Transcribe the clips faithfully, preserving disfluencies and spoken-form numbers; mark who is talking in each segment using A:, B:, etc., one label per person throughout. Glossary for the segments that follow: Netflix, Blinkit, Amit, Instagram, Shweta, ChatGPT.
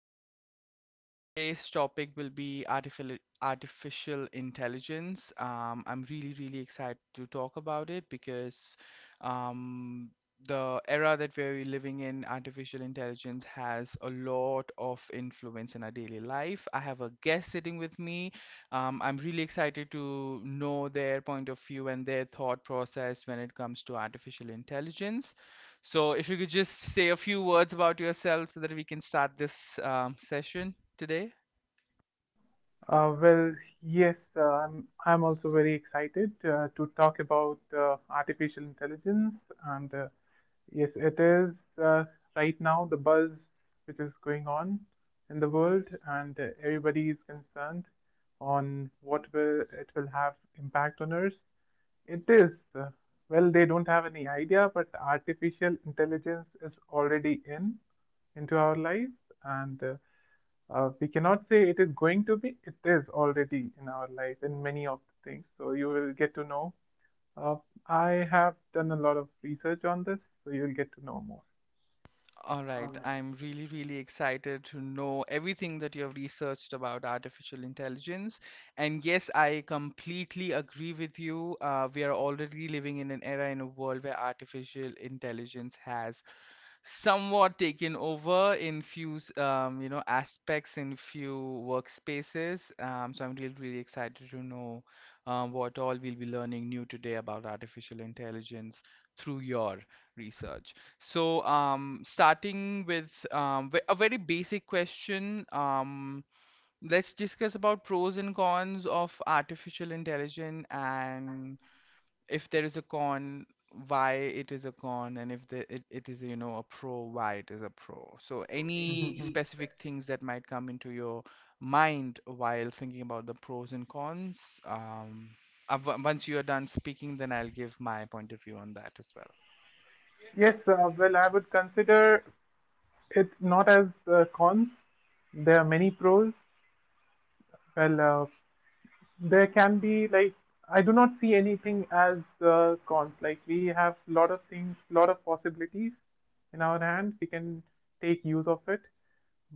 A: podcast. Um, today's topic will be artificial artificial intelligence. Um, I'm really, really excited to talk about it because um, the era that we're living in, artificial intelligence has a lot of influence in our daily life. I have a guest sitting with me. Um, I'm really excited to know their point of view and their thought process when it comes to artificial intelligence. So, if you could just say a few words about yourself so that we can start this um, session today.
B: Uh, well, yes, uh, I'm, I'm also very excited uh, to talk about uh, artificial intelligence. And uh, yes, it is uh, right now the buzz which is going on in the world, and uh, everybody is concerned on what will it will have impact on us. It is, uh, well, they don't have any idea, but artificial intelligence is already in into our life, and uh, uh, we cannot say it is going to be, it is already in our life in many of the things. So you will get to know. Uh, I have done a lot of research on this, so you'll get to know more.
A: All right, I'm really, really excited to know everything that you have researched about artificial intelligence. And yes, I completely agree with you. Uh, we are already living in an era in a world where artificial intelligence has somewhat taken over in few s- um, you know aspects in few workspaces. Um, so I'm really, really excited to know uh, what all we'll be learning new today about artificial intelligence through your research. So um, starting with um, ve- a very basic question. Um, let's discuss about pros and cons of artificial intelligence, and if there is a con, why it is a con, and if the, it, it is, you know, a pro, why it is a pro. So any
B: Mhm.
A: specific things that might come into your mind while thinking about the pros and cons, um, uh, w- once you are done speaking, then I'll give my point of view on that as well.
B: Yes, uh, well, I would consider it not as uh, cons. There are many pros. Well, uh, there can be like I do not see anything as uh, cons. Like we have a lot of things, lot of possibilities in our hand. We can take use of it.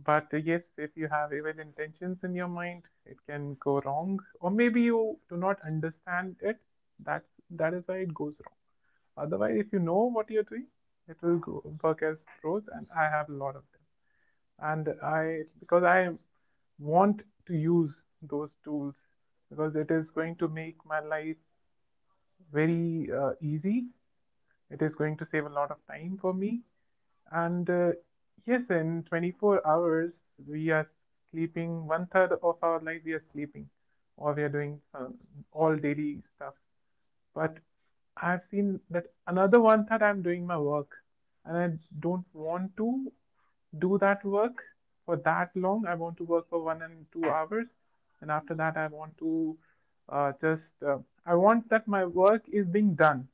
B: But uh, yes, if you have evil intentions in your mind, it can go wrong. Or maybe you do not understand it. That's that is why it goes wrong. Otherwise, if you know what you're doing, it will go, work as pros, and I have a lot of them and I because I want to use those tools because it is going to make my life very uh, easy, it is going to save a lot of time for me. And uh, yes, in twenty-four hours, we are sleeping one third of our life, we are sleeping or we are doing some all daily stuff. But I've seen that another one third I'm doing my work and I don't want to do that work for that long. I want to work for one and two hours, and after that, I want to uh, just uh, I want that my work is being done.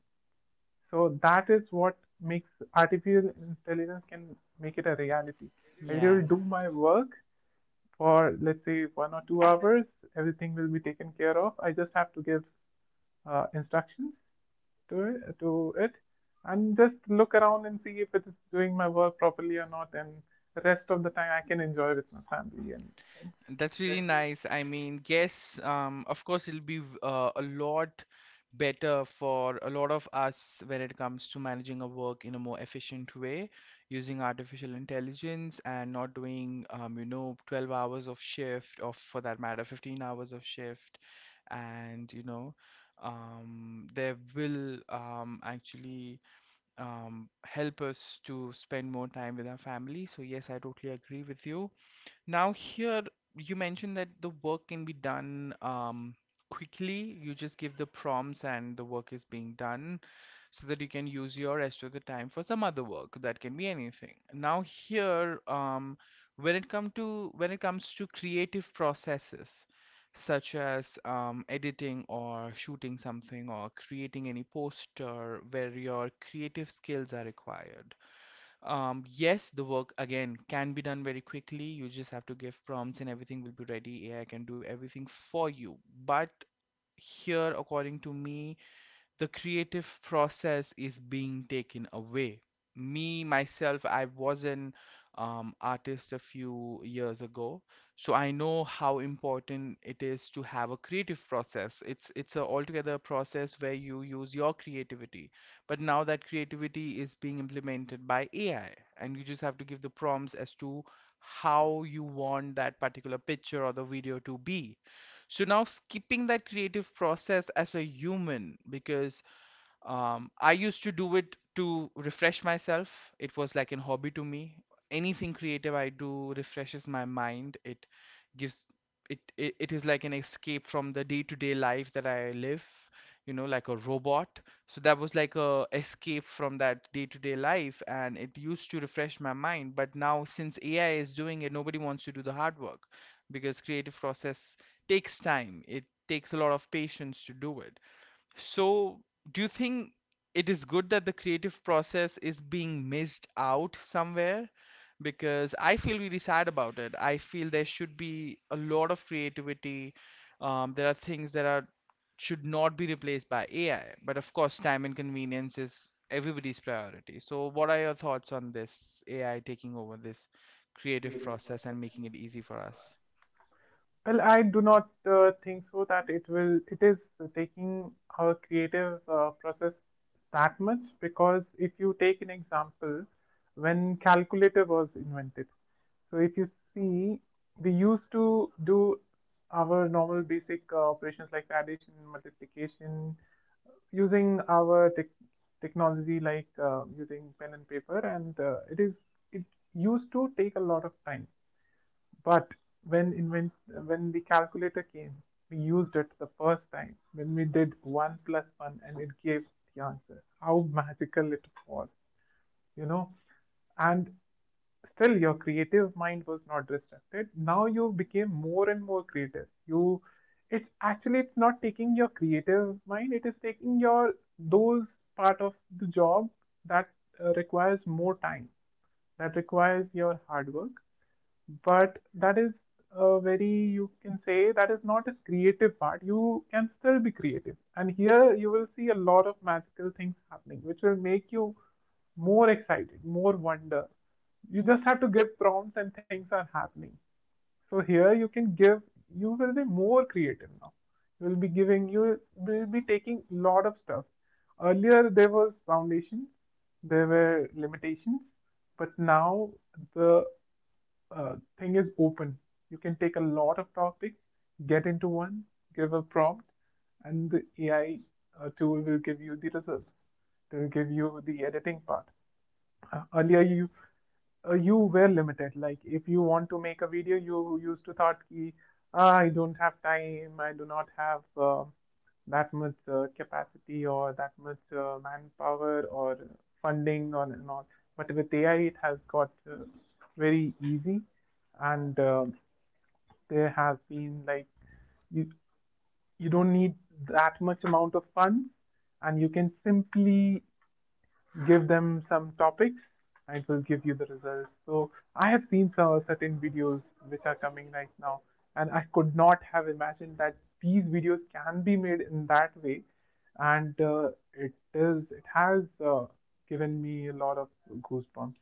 B: So that is what makes artificial intelligence can make it a reality. I it
A: Yeah.
B: will do my work for let's say one or two hours. Everything will be taken care of. I just have to give uh, instructions to it, to it, and just look around and see if it is doing my work properly or not. And the rest of the time, I can enjoy with my family and friends.
A: That's really nice. I mean, yes, um, of course, it'll be v- uh, a lot better for a lot of us when it comes to managing our work in a more efficient way, using artificial intelligence and not doing, um, you know, twelve hours of shift, or for that matter, fifteen hours of shift. And, you know, um, they will um, actually um, help us to spend more time with our family. So, yes, I totally agree with you. Now here you mentioned that the work can be done um, quickly. You just give the prompts and the work is being done so that you can use your rest of the time for some other work. That can be anything. Now here um, when it come to when it comes to creative processes such as um, editing or shooting something or creating any poster where your creative skills are required, um, yes, the work again can be done very quickly. You just have to give prompts and everything will be ready. A I can do everything for you. But here, according to me, the creative process is being taken away. Me, myself, I was an um, artist a few years ago, so I know how important it is to have a creative process. It's it's a altogether process where you use your creativity. But now that creativity is being implemented by A I, and you just have to give the prompts as to how you want that particular picture or the video to be. So now skipping that creative process as a human, because um, I used to do it to refresh myself. It was like a hobby to me. Anything creative I do refreshes my mind. It gives it it, it is like an escape from the day-to-day life that I live, you know, like a robot. So that was like a escape from that day-to-day life, and it used to refresh my mind. But now, since A I is doing it, nobody wants to do the hard work because creative process takes time. It takes a lot of patience to do it. So, do you think it is good that the creative process is being missed out somewhere? Because I feel really sad about it. I feel there should be a lot of creativity. Um, there are things that are should not be replaced by A I, but of course, time and convenience is everybody's priority. So, what are your thoughts on this A I taking over this creative process and making it easy for us?
B: Well, I do not uh, think so that it will, it is taking her creative uh, process that much because if you take an example, when calculator was invented, so if you see, we used to do our normal basic uh, operations like addition, multiplication, using our tech technology like uh, using pen and paper, and uh, it is, it used to take a lot of time. But when invent when the calculator came, we used it the first time when we did one plus one and it gave the answer. How magical it was, you know. And still your creative mind was not restricted. Now you became more and more creative. You, it's actually it's not taking your creative mind, it is taking your those part of the job that uh, requires more time, that requires your hard work, but that is a very, you can say that is not a creative part. You can still be creative, and here you will see a lot of magical things happening which will make you more excited, more wonder. You just have to give prompts and things are happening. So here you can give, you will be more creative now. You will be giving, you will be taking a lot of stuff. Earlier there was foundations, there were limitations, but now the uh, thing is open. You can take a lot of topics, get into one, give a prompt, and the A I uh, tool will give you the results. They will give you the editing part. Uh, earlier you uh, you were limited. Like if you want to make a video, you used to thought ki, "Ah, I don't have time, I do not have uh, that much uh, capacity or that much uh, manpower or funding or and all." But with A I, it has got uh, very easy, and um there has been like you you don't need that much amount of funds, and you can simply give them some topics and it will give you the results. So I have seen some certain videos which are coming right now, and I could not have imagined that these videos can be made in that way, and uh, it is it has uh, given me a lot of goosebumps.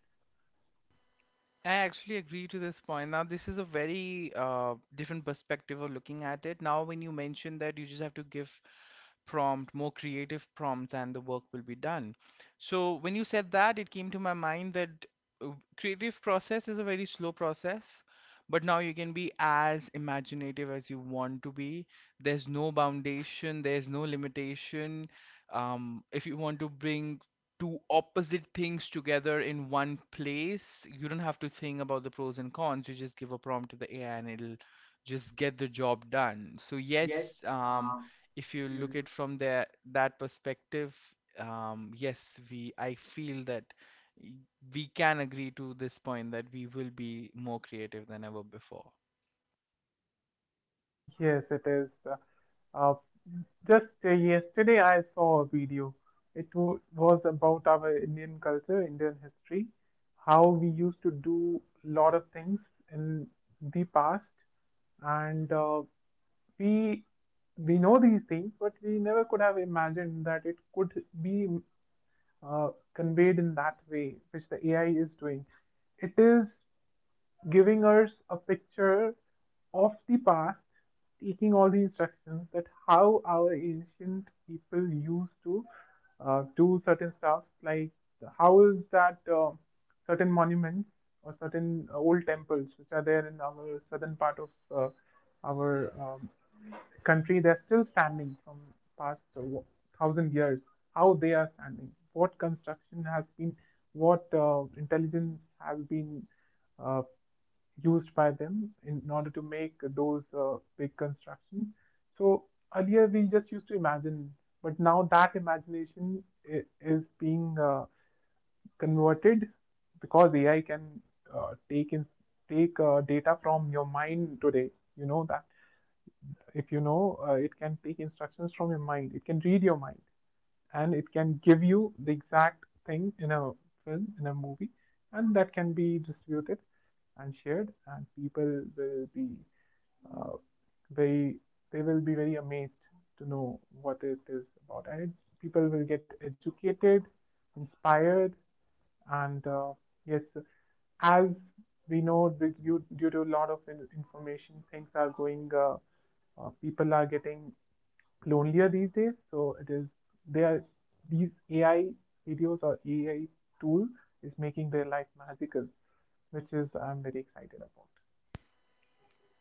A: I actually agree to this point. Now, this is a very uh, different perspective of looking at it. Now, when you mention that you just have to give prompt, more creative prompts, and the work will be done. So, when you said that, it came to my mind that uh, creative process is a very slow process, but now you can be as imaginative as you want to be. There's no foundation, there's no limitation. Um, if you want to bring two opposite things together in one place. You don't have to think about the pros and cons. You just give a prompt to the A I and it'll just get the job done. So
B: So yes,
A: yes, um,
B: um,
A: if
B: if
A: you
B: you
A: look at
B: look
A: from there that perspective, um, yes, we I feel that we can agree to this point that we will be more creative than ever before.
B: Yes, it is. Uh, uh, just uh, Yesterday, I saw a video. It wa- was about our Indian culture, Indian history, how we used to do a lot of things in the past, and uh, we we know these things, but we never could have imagined that it could be uh, conveyed in that way, which the A I is doing. It is giving us a picture of the past, taking all the instructions that how our ancient people used to uh, do certain stuff, like how is that uh, certain monuments or certain uh, old temples which are there in our southern part of uh, our um, country, they're still standing from past uh, thousand years. How they are standing, what construction has been, what uh, intelligence has been uh, used by them in order to make those uh, big constructions. So earlier we just used to imagine, but now that imagination is being uh, converted because A I can uh, take in take uh, data from your mind today. You know that if you know, uh, it can take instructions from your mind. It can read your mind, and it can give you the exact thing in a film, in a movie, and that can be distributed and shared, and people will be uh, very they will be very amazed to know what it is about, and it, people will get educated, inspired, and uh, yes, as we know, due, due due to a lot of in- information, things are going, uh, uh, people are getting lonelier these days. So it is, they are, these A I videos or A I tool is making their life magical, which is, I'm very excited about.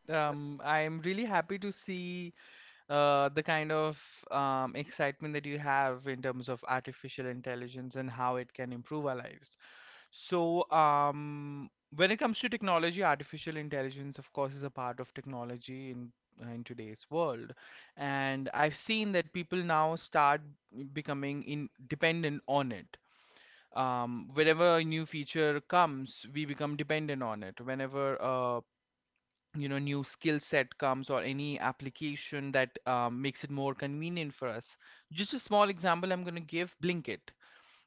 A: Um, I'm really happy to see uh, the kind of um, excitement that you have in terms of artificial intelligence and how it can improve our lives. So, um, when it comes to technology, artificial intelligence, of course, is a part of technology in uh, in today's world. And I've seen that people now start becoming in dependent on it. Um, whenever a new feature comes, we become dependent on it. Whenever a you know new skill set comes, or any application that um, makes it more convenient for us. Just a small example, I'm going to give Blinkit.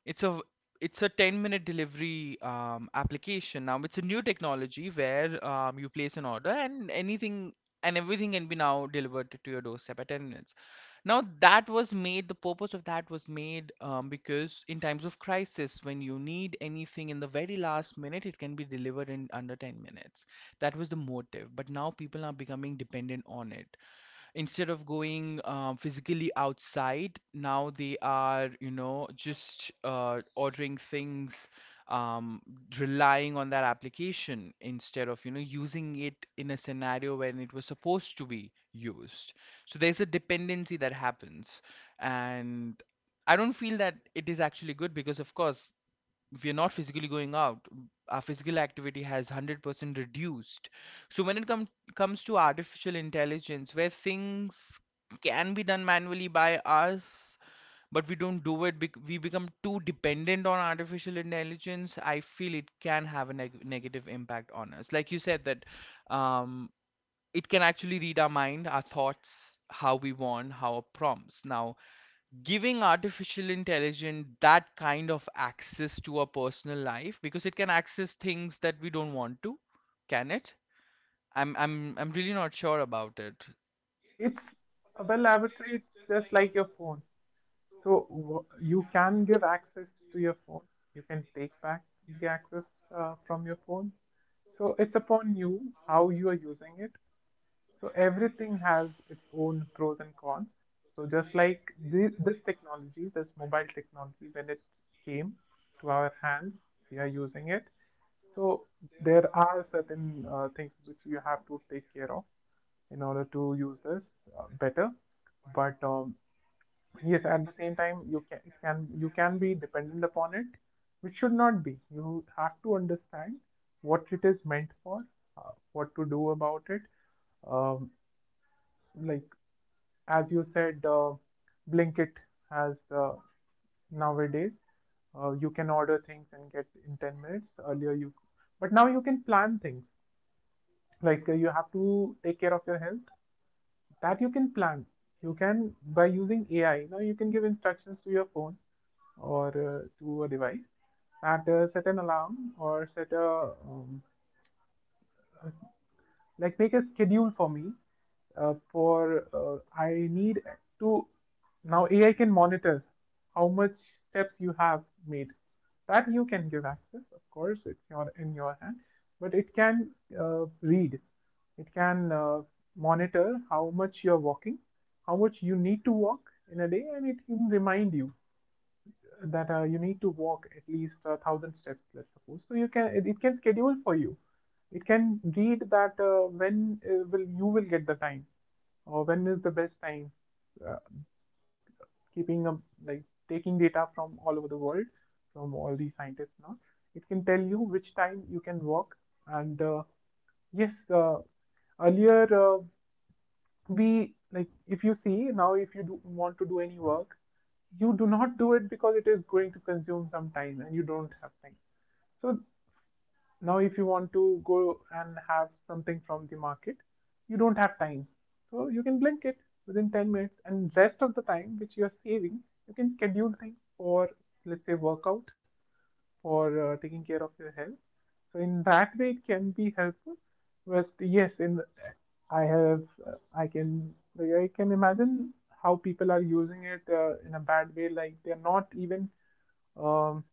A: It's a it's a ten minute delivery um, application. Now it's a new technology where um, you place an order and anything and everything can be now delivered to your doorstep at ten minutes. Now that was made, the purpose of that was made um, because in times of crisis, when you need anything in the very last minute, it can be delivered in under ten minutes. That was the motive. But now people are becoming dependent on it. Instead of going um, physically outside, now they are, you know, just uh, ordering things, um, relying on that application instead of, you know, using it in a scenario when it was supposed to be used. So there's a dependency that happens. And I don't feel that it is actually good because, of course, we are not physically going out. Our physical activity has one hundred percent reduced. So when it com- comes to artificial intelligence where things can be done manually by us, but we don't do it, bec- we become too dependent on artificial intelligence. I feel it can have a neg- negative impact on us. Like you said that, um, it can actually read our mind, our thoughts, how we want, how our prompts, now giving artificial intelligence that kind of access to our personal life, because it can access things that we don't want to, can it? I'm I'm I'm really not sure about it.
B: It's, uh, well, I would say it's just like your phone. So you can give access to your phone. You can take back the access uh, from your phone. So it's upon you how you are using it. So everything has its own pros and cons. So just like thi- this technology, this mobile technology, when it came to our hands, we are using it. So there are certain uh, things which you have to take care of in order to use this uh, better. But um, yes, at the same time, you can, it can, you can be dependent upon it, which should not be. You have to understand what it is meant for, uh, what to do about it, um, like as you said, uh, blinkit has, uh, nowadays, uh, you can order things and get in ten minutes earlier you, but now you can plan things. Like uh, you have to take care of your health, that you can plan, you can, by using AI, now you can give instructions to your phone or uh, to a device that uh, set an alarm or set a um, like make a schedule for me, uh, for uh, I need to, now A I can monitor how much steps you have made. That you can give access, of course, it's your in your hand, but it can uh, read, it can uh, monitor how much you're walking, how much you need to walk in a day, and it can remind you that uh, you need to walk at least a thousand steps, let's suppose, so you can it, can schedule for you. It can read that uh, when uh, will you will get the time, or when is the best time, uh, keeping up, like taking data from all over the world, from all the scientists. Now it can tell you which time you can walk. And uh, yes. Uh, earlier, uh, we like, if you see, now if you do want to do any work, you do not do it because it is going to consume some time and you don't have time. So now if you want to go and have something from the market, you don't have time, so you can blink it within ten minutes, and rest of the time which you are saving, you can schedule things for, let's say, workout, for uh, taking care of your health. So in that way it can be helpful. But yes, in I have uh, I can, like, I can imagine how people are using it uh, in a bad way, like they're not even um,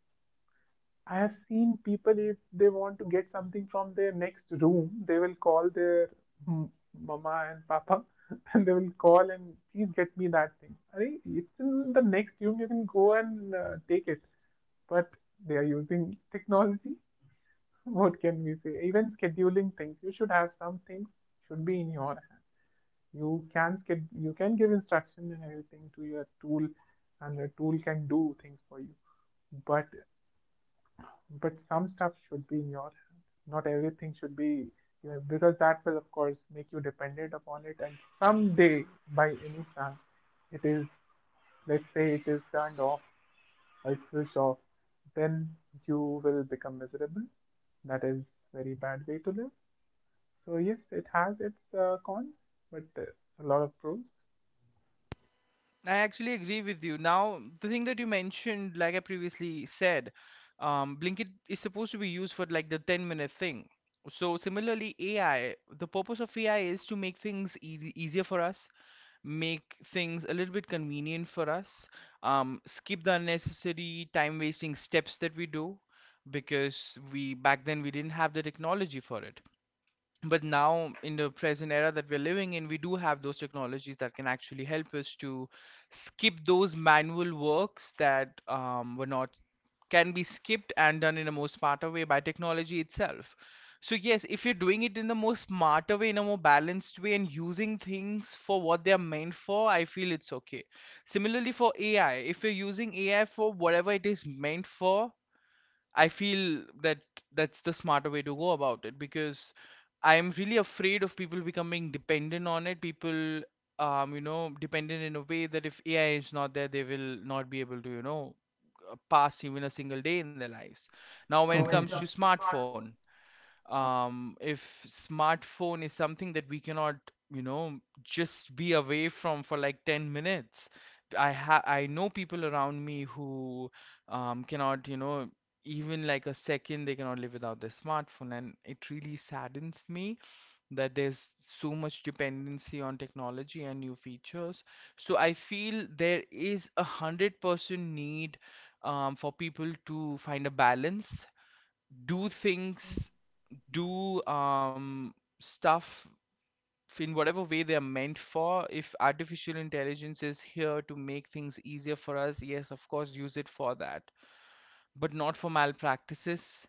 B: I have seen people, if they want to get something from their next room, they will call their m- mama and papa, and they will call and please get me that thing. I mean, it's in the next room. You can go and uh, take it, but they are using technology. What can we say? Even scheduling things, you should have some things, should be in your hand. You can sched- you can give instruction and everything to your tool, and the tool can do things for you, but but some stuff should be in your hand. Not everything should be, you know, because that will, of course, make you dependent upon it. And someday, by any chance, it is, let's say, it is turned off, or it's switched off, then you will become miserable. That is very bad way to live. So yes, it has its uh, cons, but uh, a lot of pros.
A: I actually agree with you. Now, the thing that you mentioned, like I previously said, um, Blinkit is supposed to be used for like the ten minute thing. So, similarly, A I, the purpose of A I is to make things ea- easier for us, make things a little bit convenient for us, um, skip the unnecessary time wasting steps that we do, because we back then we didn't have the technology for it, but now in the present era that we're living in, we do have those technologies that can actually help us to skip those manual works that um, were not can be skipped and done in a more smarter way by technology itself. So yes, if you're doing it in the more smarter way, in a more balanced way, and using things for what they are meant for, I feel it's okay. Similarly, for AI, if you're using AI for whatever it is meant for, I feel that that's the smarter way to go about it, because I'm really afraid of people becoming dependent on it. People, um, you know, dependent in a way that if A I is not there, they will not be able to, you know, uh, pass even a single day in their lives. Now, when
B: Now,
A: it
B: when it
A: comes to
B: comes to
A: smartphone,
B: smartphone, uh,
A: um, if smartphone is something that we cannot, you know, just be away from for like ten minutes. I ha I know people around me who um, cannot, you know, even like a second they cannot live without their smartphone, and it really saddens me that there's so much dependency on technology and new features. So I feel there is a hundred percent need um, for people to find a balance, do things, do um, stuff in whatever way they are meant for. If artificial intelligence is here to make things easier for us, yes, of course, use it for that, but not for malpractices,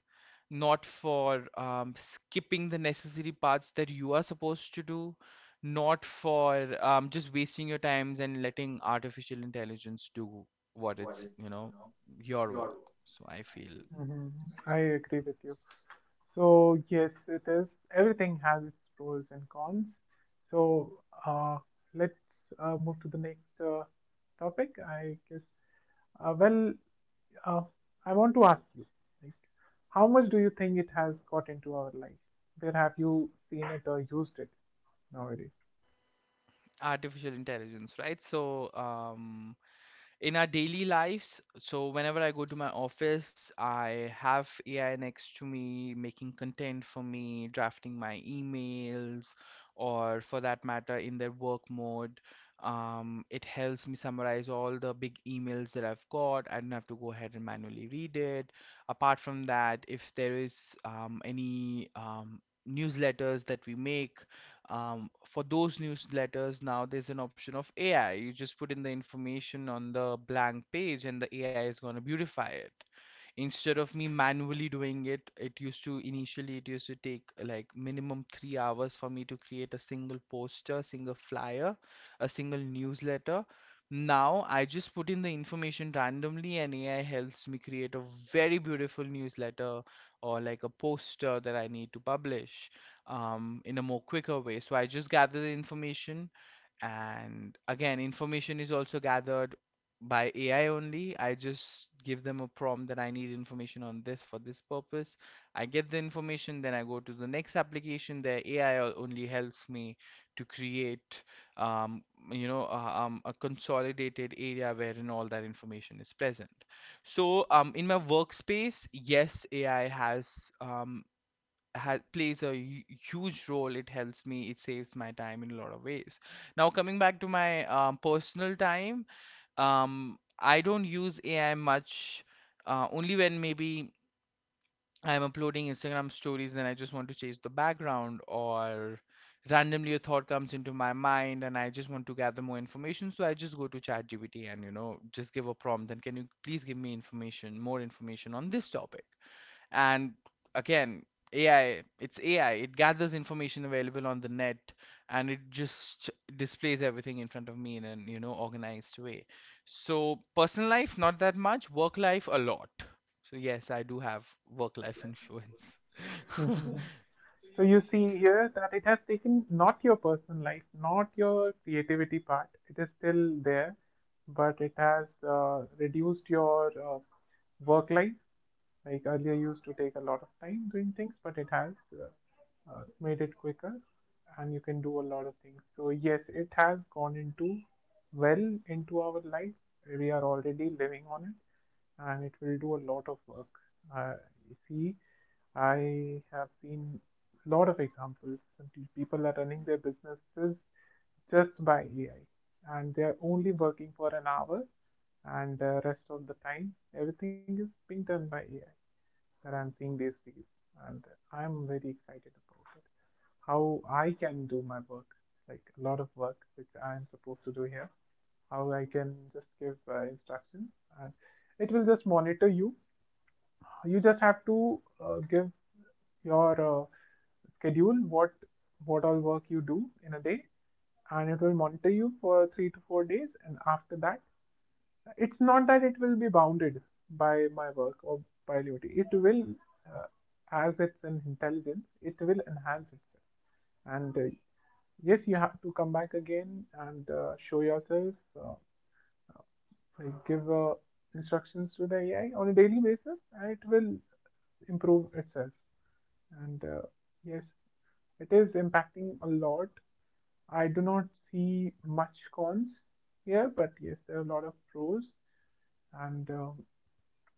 A: not for um, skipping the necessary parts that you are supposed to do, not for um, just wasting your times and letting artificial intelligence do what
B: what
A: it's,
B: is,
A: you
B: you
A: know,
B: know,
A: your
B: your
A: work.
B: role,
A: So I feel
B: right? Mhm. I agree with you. So yes, it is. Everything has its pros and cons. So uh, let's uh, move to the next uh, topic, I guess. Uh, well, uh, I want to ask you, like, how much do you think it has got into our life? Where have you seen it or used it nowadays?
A: artificial intelligence, right? So, um, in our daily lives, so whenever I go to my office, I have A I next to me making content for me, drafting my emails, or for that matter, in their work mode. Um, it helps me summarize all the big emails that I've got. I don't have to go ahead and manually read it. Apart from that, if there is um, any um, newsletters that we make, um, for those newsletters now there's an option of A I. You just put in the information on the blank page and the A I is going to beautify it. Instead of me manually doing it, it used to initially it used to take like minimum three hours for me to create a single poster, single flyer, a single newsletter. Now I just put in the information randomly and A I helps me create a very beautiful newsletter or like a poster that I need to publish um, in a more quicker way. So I just gather the information, and again, information is also gathered by A I only. I just give them a prompt that I need information on this for this purpose. I get the information, then I go to the next application. The A I only helps me to create, um, you know, uh, um, a consolidated area wherein all that information is present. So, um, in my workspace, yes, A I has um, has plays a hu- huge role. It helps me. It saves my time in a lot of ways. Now coming back to my um, personal time, um, I don't use A I much. Uh, only when maybe I'm uploading Instagram stories and I just want to change the background or randomly a thought comes into my mind and I just want to gather more information. So I just go to ChatGPT and you know just give a prompt and can you please give me information, more information on this topic and again ai it's ai it gathers information available on the net and it just displays everything in front of me in an you know organized way. So personal life, not that much. Work life, a lot. So yes, I do have work life influence.
B: Hmm. So you see here that it has taken not your personal life, not your creativity part. It is still there, but it has uh, reduced your uh, work life. Like earlier, you used to take a lot of time doing things, but it has uh, uh, made it quicker, and you can do a lot of things. So yes, it has gone into, well, into our life. We are already living on it, and it will do a lot of work. Uh, you see, I have seen a lot of examples. People are running their businesses just by A I, and they are only working for an hour, and the rest of the time, everything is being done by A I. That I'm seeing these days, and I'm very excited about it. How I can do my work, like a lot of work which I am supposed to do here, how I can just give uh, instructions, and it will just monitor you. You just have to uh, give your uh, schedule, what what all work you do in a day, and it will monitor you for three to four days, and after that, it's not that it will be bounded by my work or by liberty. It will uh, as it's an intelligence, it will enhance itself. And uh, yes, you have to come back again and uh, show yourself. uh, I give uh, instructions to the A I on a daily basis, and it will improve itself. And uh, yes, it is impacting a lot. I do not see much cons here, but yes, there are a lot of pros. And um,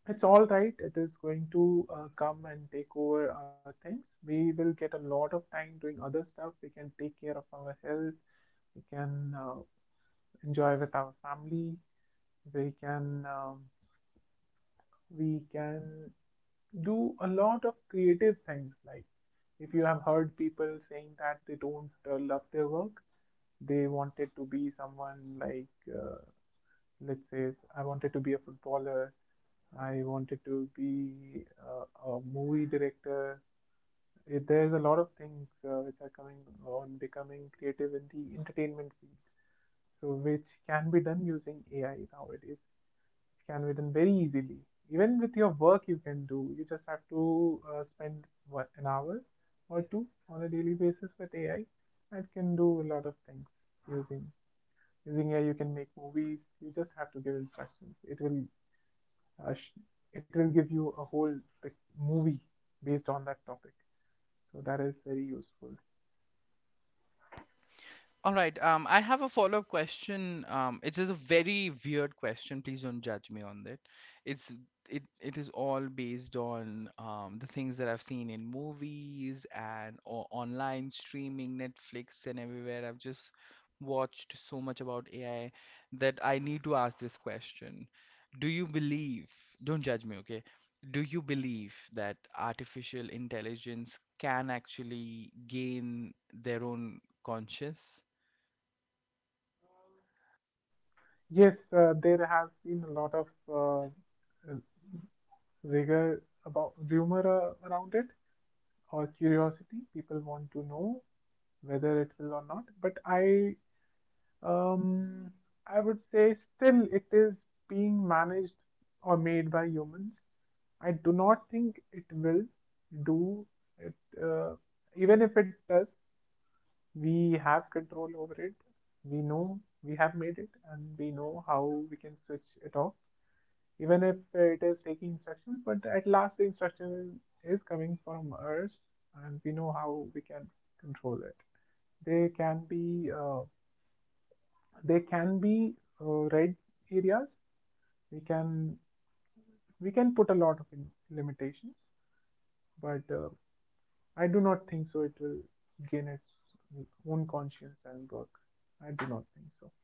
B: it's all right. It is going to uh, come and take over our things. We will get a lot of time doing other stuff. We can take care of our health. We can uh, enjoy with our family. We can um, we can do a lot of creative things, like if you have heard people saying that they don't uh, love their work, they wanted to be someone, like uh, let's say, I wanted to be a footballer, I wanted to be uh, a movie director. It, there's a lot of things uh, which are coming on, becoming creative in the entertainment field, so which can be done using A I nowadays. It can be done very easily. Even with your work, you can do. You just have to uh, spend, what, an hour or two on a daily basis with A I. It can do a lot of things using using A I. You can make movies. You just have to give instructions. It will uh, sh- it will give you a whole pic- movie based on that topic. So that is very useful.
A: All right. Um, I have a follow-up question. Um, it is a very weird question. Please don't judge me on that. It's it it is all based on um, the things that I've seen in movies and or online streaming, Netflix and everywhere. I've just watched so much about A I that I need to ask this question. Do you believe, don't judge me, okay? Do you believe that artificial intelligence can actually gain their own conscience?
B: Yes, uh, there has been a lot of uh, uh, rigor about rumor uh, around it, or curiosity. People want to know whether it will or not. But I, um, I would say still it is being managed or made by humans. I do not think it will do it. Uh, even if it does, we have control over it. We know we have made it, and we know how we can switch it off, even if it is taking instructions, but at last the instruction is coming from us, and we know how we can control it. They can be uh, they can be uh, red areas. We can we can put a lot of in- limitations, but uh, I do not think so. It will gain its own conscience and work. I do not think so.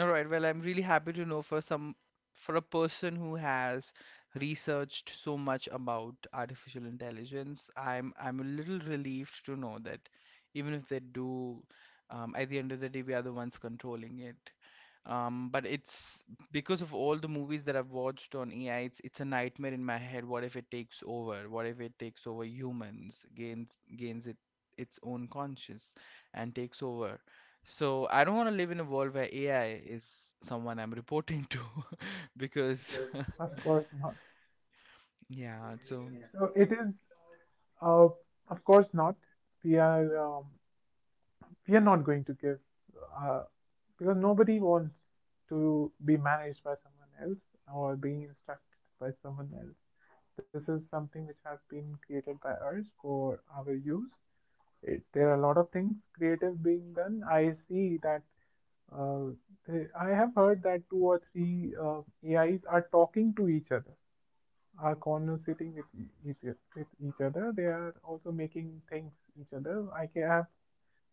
A: All right. Well, I'm really happy to know for some for a person who has researched so much about artificial intelligence, I'm I'm a little relieved to know that even if they do, um, at the end of the day, we are the ones controlling it. Um, but it's because of all the movies that I've watched on A I, it's it's a nightmare in my head. What if it takes over? What if it takes over humans, gains gains it its own conscience and takes over? So I don't want to live in a world where A I is someone I'm reporting to because
B: Because, of course not.
A: yeah, so
B: Yeah. So it is, uh, of course not. We are, um, we are not going to give, uh, because nobody wants to be managed by someone else or being instructed by someone else. This is something which has been created by us for our use. It, there are a lot of things creative being done. I see that uh, they- I have heard that two or three uh, A Is are talking to each other, are conversating with e- each with each other. They are also making things each other. I ca- have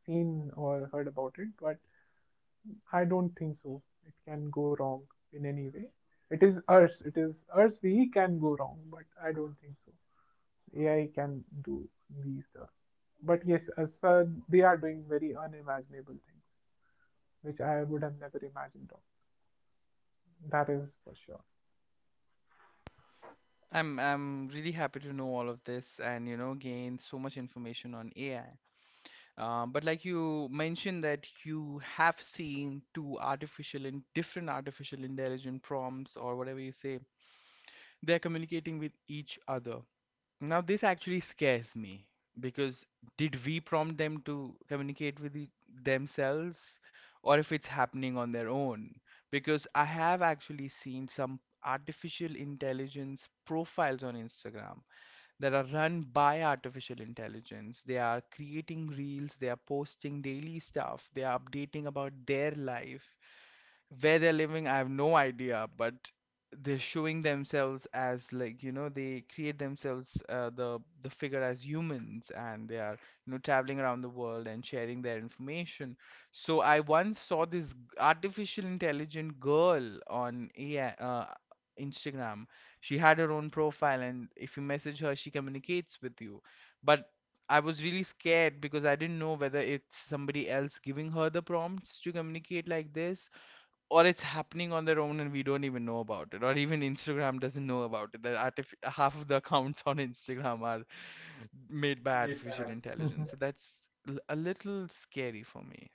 B: seen or heard about it, but I don't think so. It can go wrong in any way. It is us. It is us. We can go wrong, but I don't think so. A I can do these stuff. But yes, as uh, they are doing very unimaginable things, which I would have never imagined of. That is for sure.
A: I'm I'm really happy to know all of this and you know gain so much information on A I. Uh, but like you mentioned that you have seen two artificial and different artificial intelligent prompts or whatever you say, they're communicating with each other. Now, this actually scares me because did we prompt them to communicate with e- themselves or if it's happening on their own? Because I have actually seen some artificial intelligence profiles on Instagram that are run by artificial intelligence. They are creating reels, they are posting daily stuff, they are updating about their life where they're living, I have no idea, but they're showing themselves as like, you know, they create themselves uh, the the figure as humans and they are, you know, traveling around the world and sharing their information. So I once saw this g- artificial intelligent girl on A I, uh, Instagram. She had her own profile, and if you message her, she communicates with you. But I was really scared because I didn't know whether it's somebody else giving her the prompts to communicate like this or it's happening on their own and we don't even know about it or even Instagram doesn't know about it that artif- half of the accounts on Instagram are made by
B: Made by
A: artificial
B: artificial.
A: intelligence, so that's l- a little scary for me.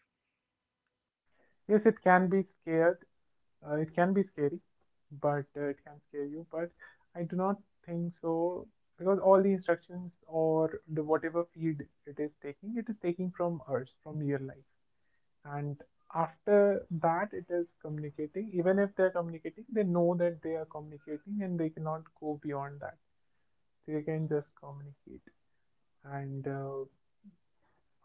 B: Yes, it can be scared. Uh, it can be scary, but uh, it can scare you. But I do not think so, because all the instructions or the whatever feed it is taking, it is taking from us, from your life. And after that, it is communicating. Even if they're communicating, they know that they are communicating and they cannot go beyond that. They can just communicate. And uh,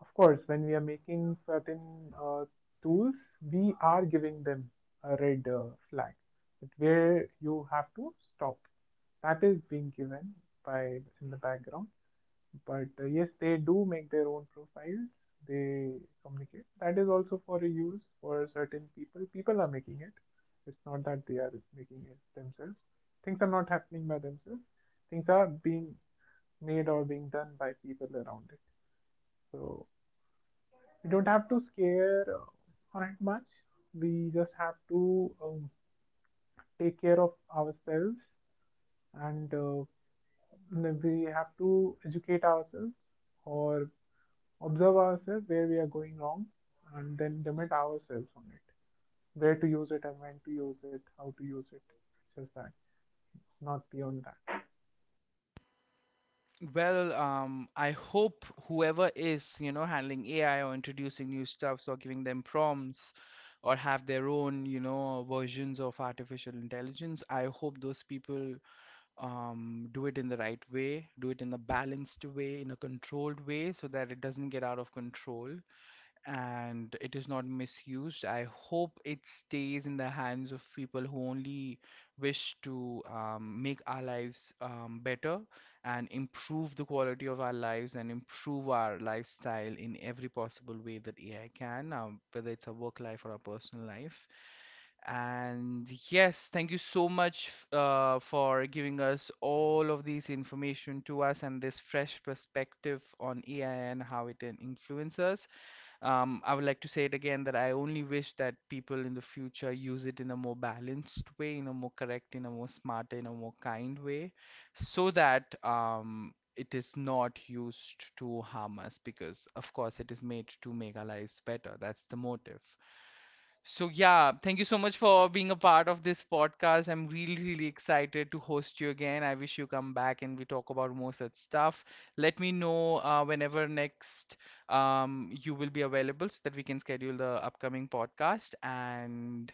B: of course, when we are making certain uh, tools, we are giving them a red uh, flag, that where you have to stop. That is being given by in the background. But uh, yes, they do make their own profiles. They communicate. That is also for a use for certain people. People are making it. It's not that they are making it themselves. Things are not happening by themselves. Things are being made or being done by people around it. So we don't have to scare uh, on it much. We just have to um, take care of ourselves, and uh, we have to educate ourselves or observe ourselves where we are going wrong, and then limit ourselves on it. Where to use it and when to use it, how to use it. Just that, not beyond that.
A: Well, um I hope whoever is you know handling A I or introducing new stuffs or giving them prompts or have their own you know versions of artificial intelligence, I hope those people um, do it in the right way, do it in a balanced way, in a controlled way, so that it doesn't get out of control and it is not misused. I hope it stays in the hands of people who only wish to um, make our lives um, better and improve the quality of our lives and improve our lifestyle in every possible way that A I can, um, whether it's a work life or a personal life. And yes, thank you so much uh, for giving us all of these information to us and this fresh perspective on A I and how it can influence us. Um, I would like to say it again that I only wish that people in the future use it in a more balanced way, in a more correct, in a more smart, in a more kind way, so that um, it is not used to harm us because, of course, it is made to make our lives better. That's the motive. So, yeah, thank you so much for being a part of this podcast. I'm really, really excited to host you again. I wish you come back and we talk about more such stuff. Let me know uh, whenever next um, you will be available so that we can schedule the upcoming podcast. And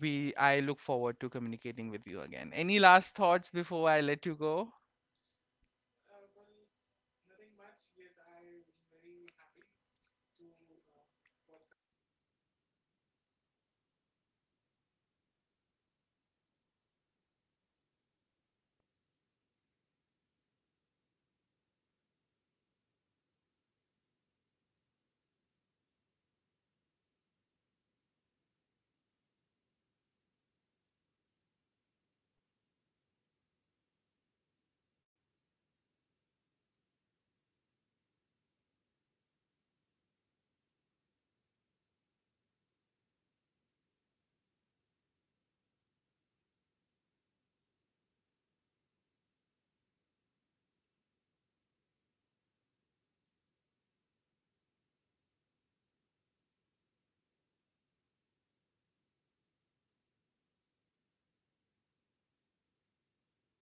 A: we, I look forward to communicating with you again. Any
B: Any
A: last thoughts
B: last thoughts
A: before I
B: before
A: let you
B: I let
A: go?
B: you go? Uh, well, nothing much. Yes, I'm very happy to uh, podcast with you. Yes, I'm very happy to podcast with you. वहीं cut कर देना। हाँ, मतलब मैं जो तेरा बात खत्म हुआ था ना, वहीं कट हो जाएगा। थर्टी पार हो चुका था वैसे।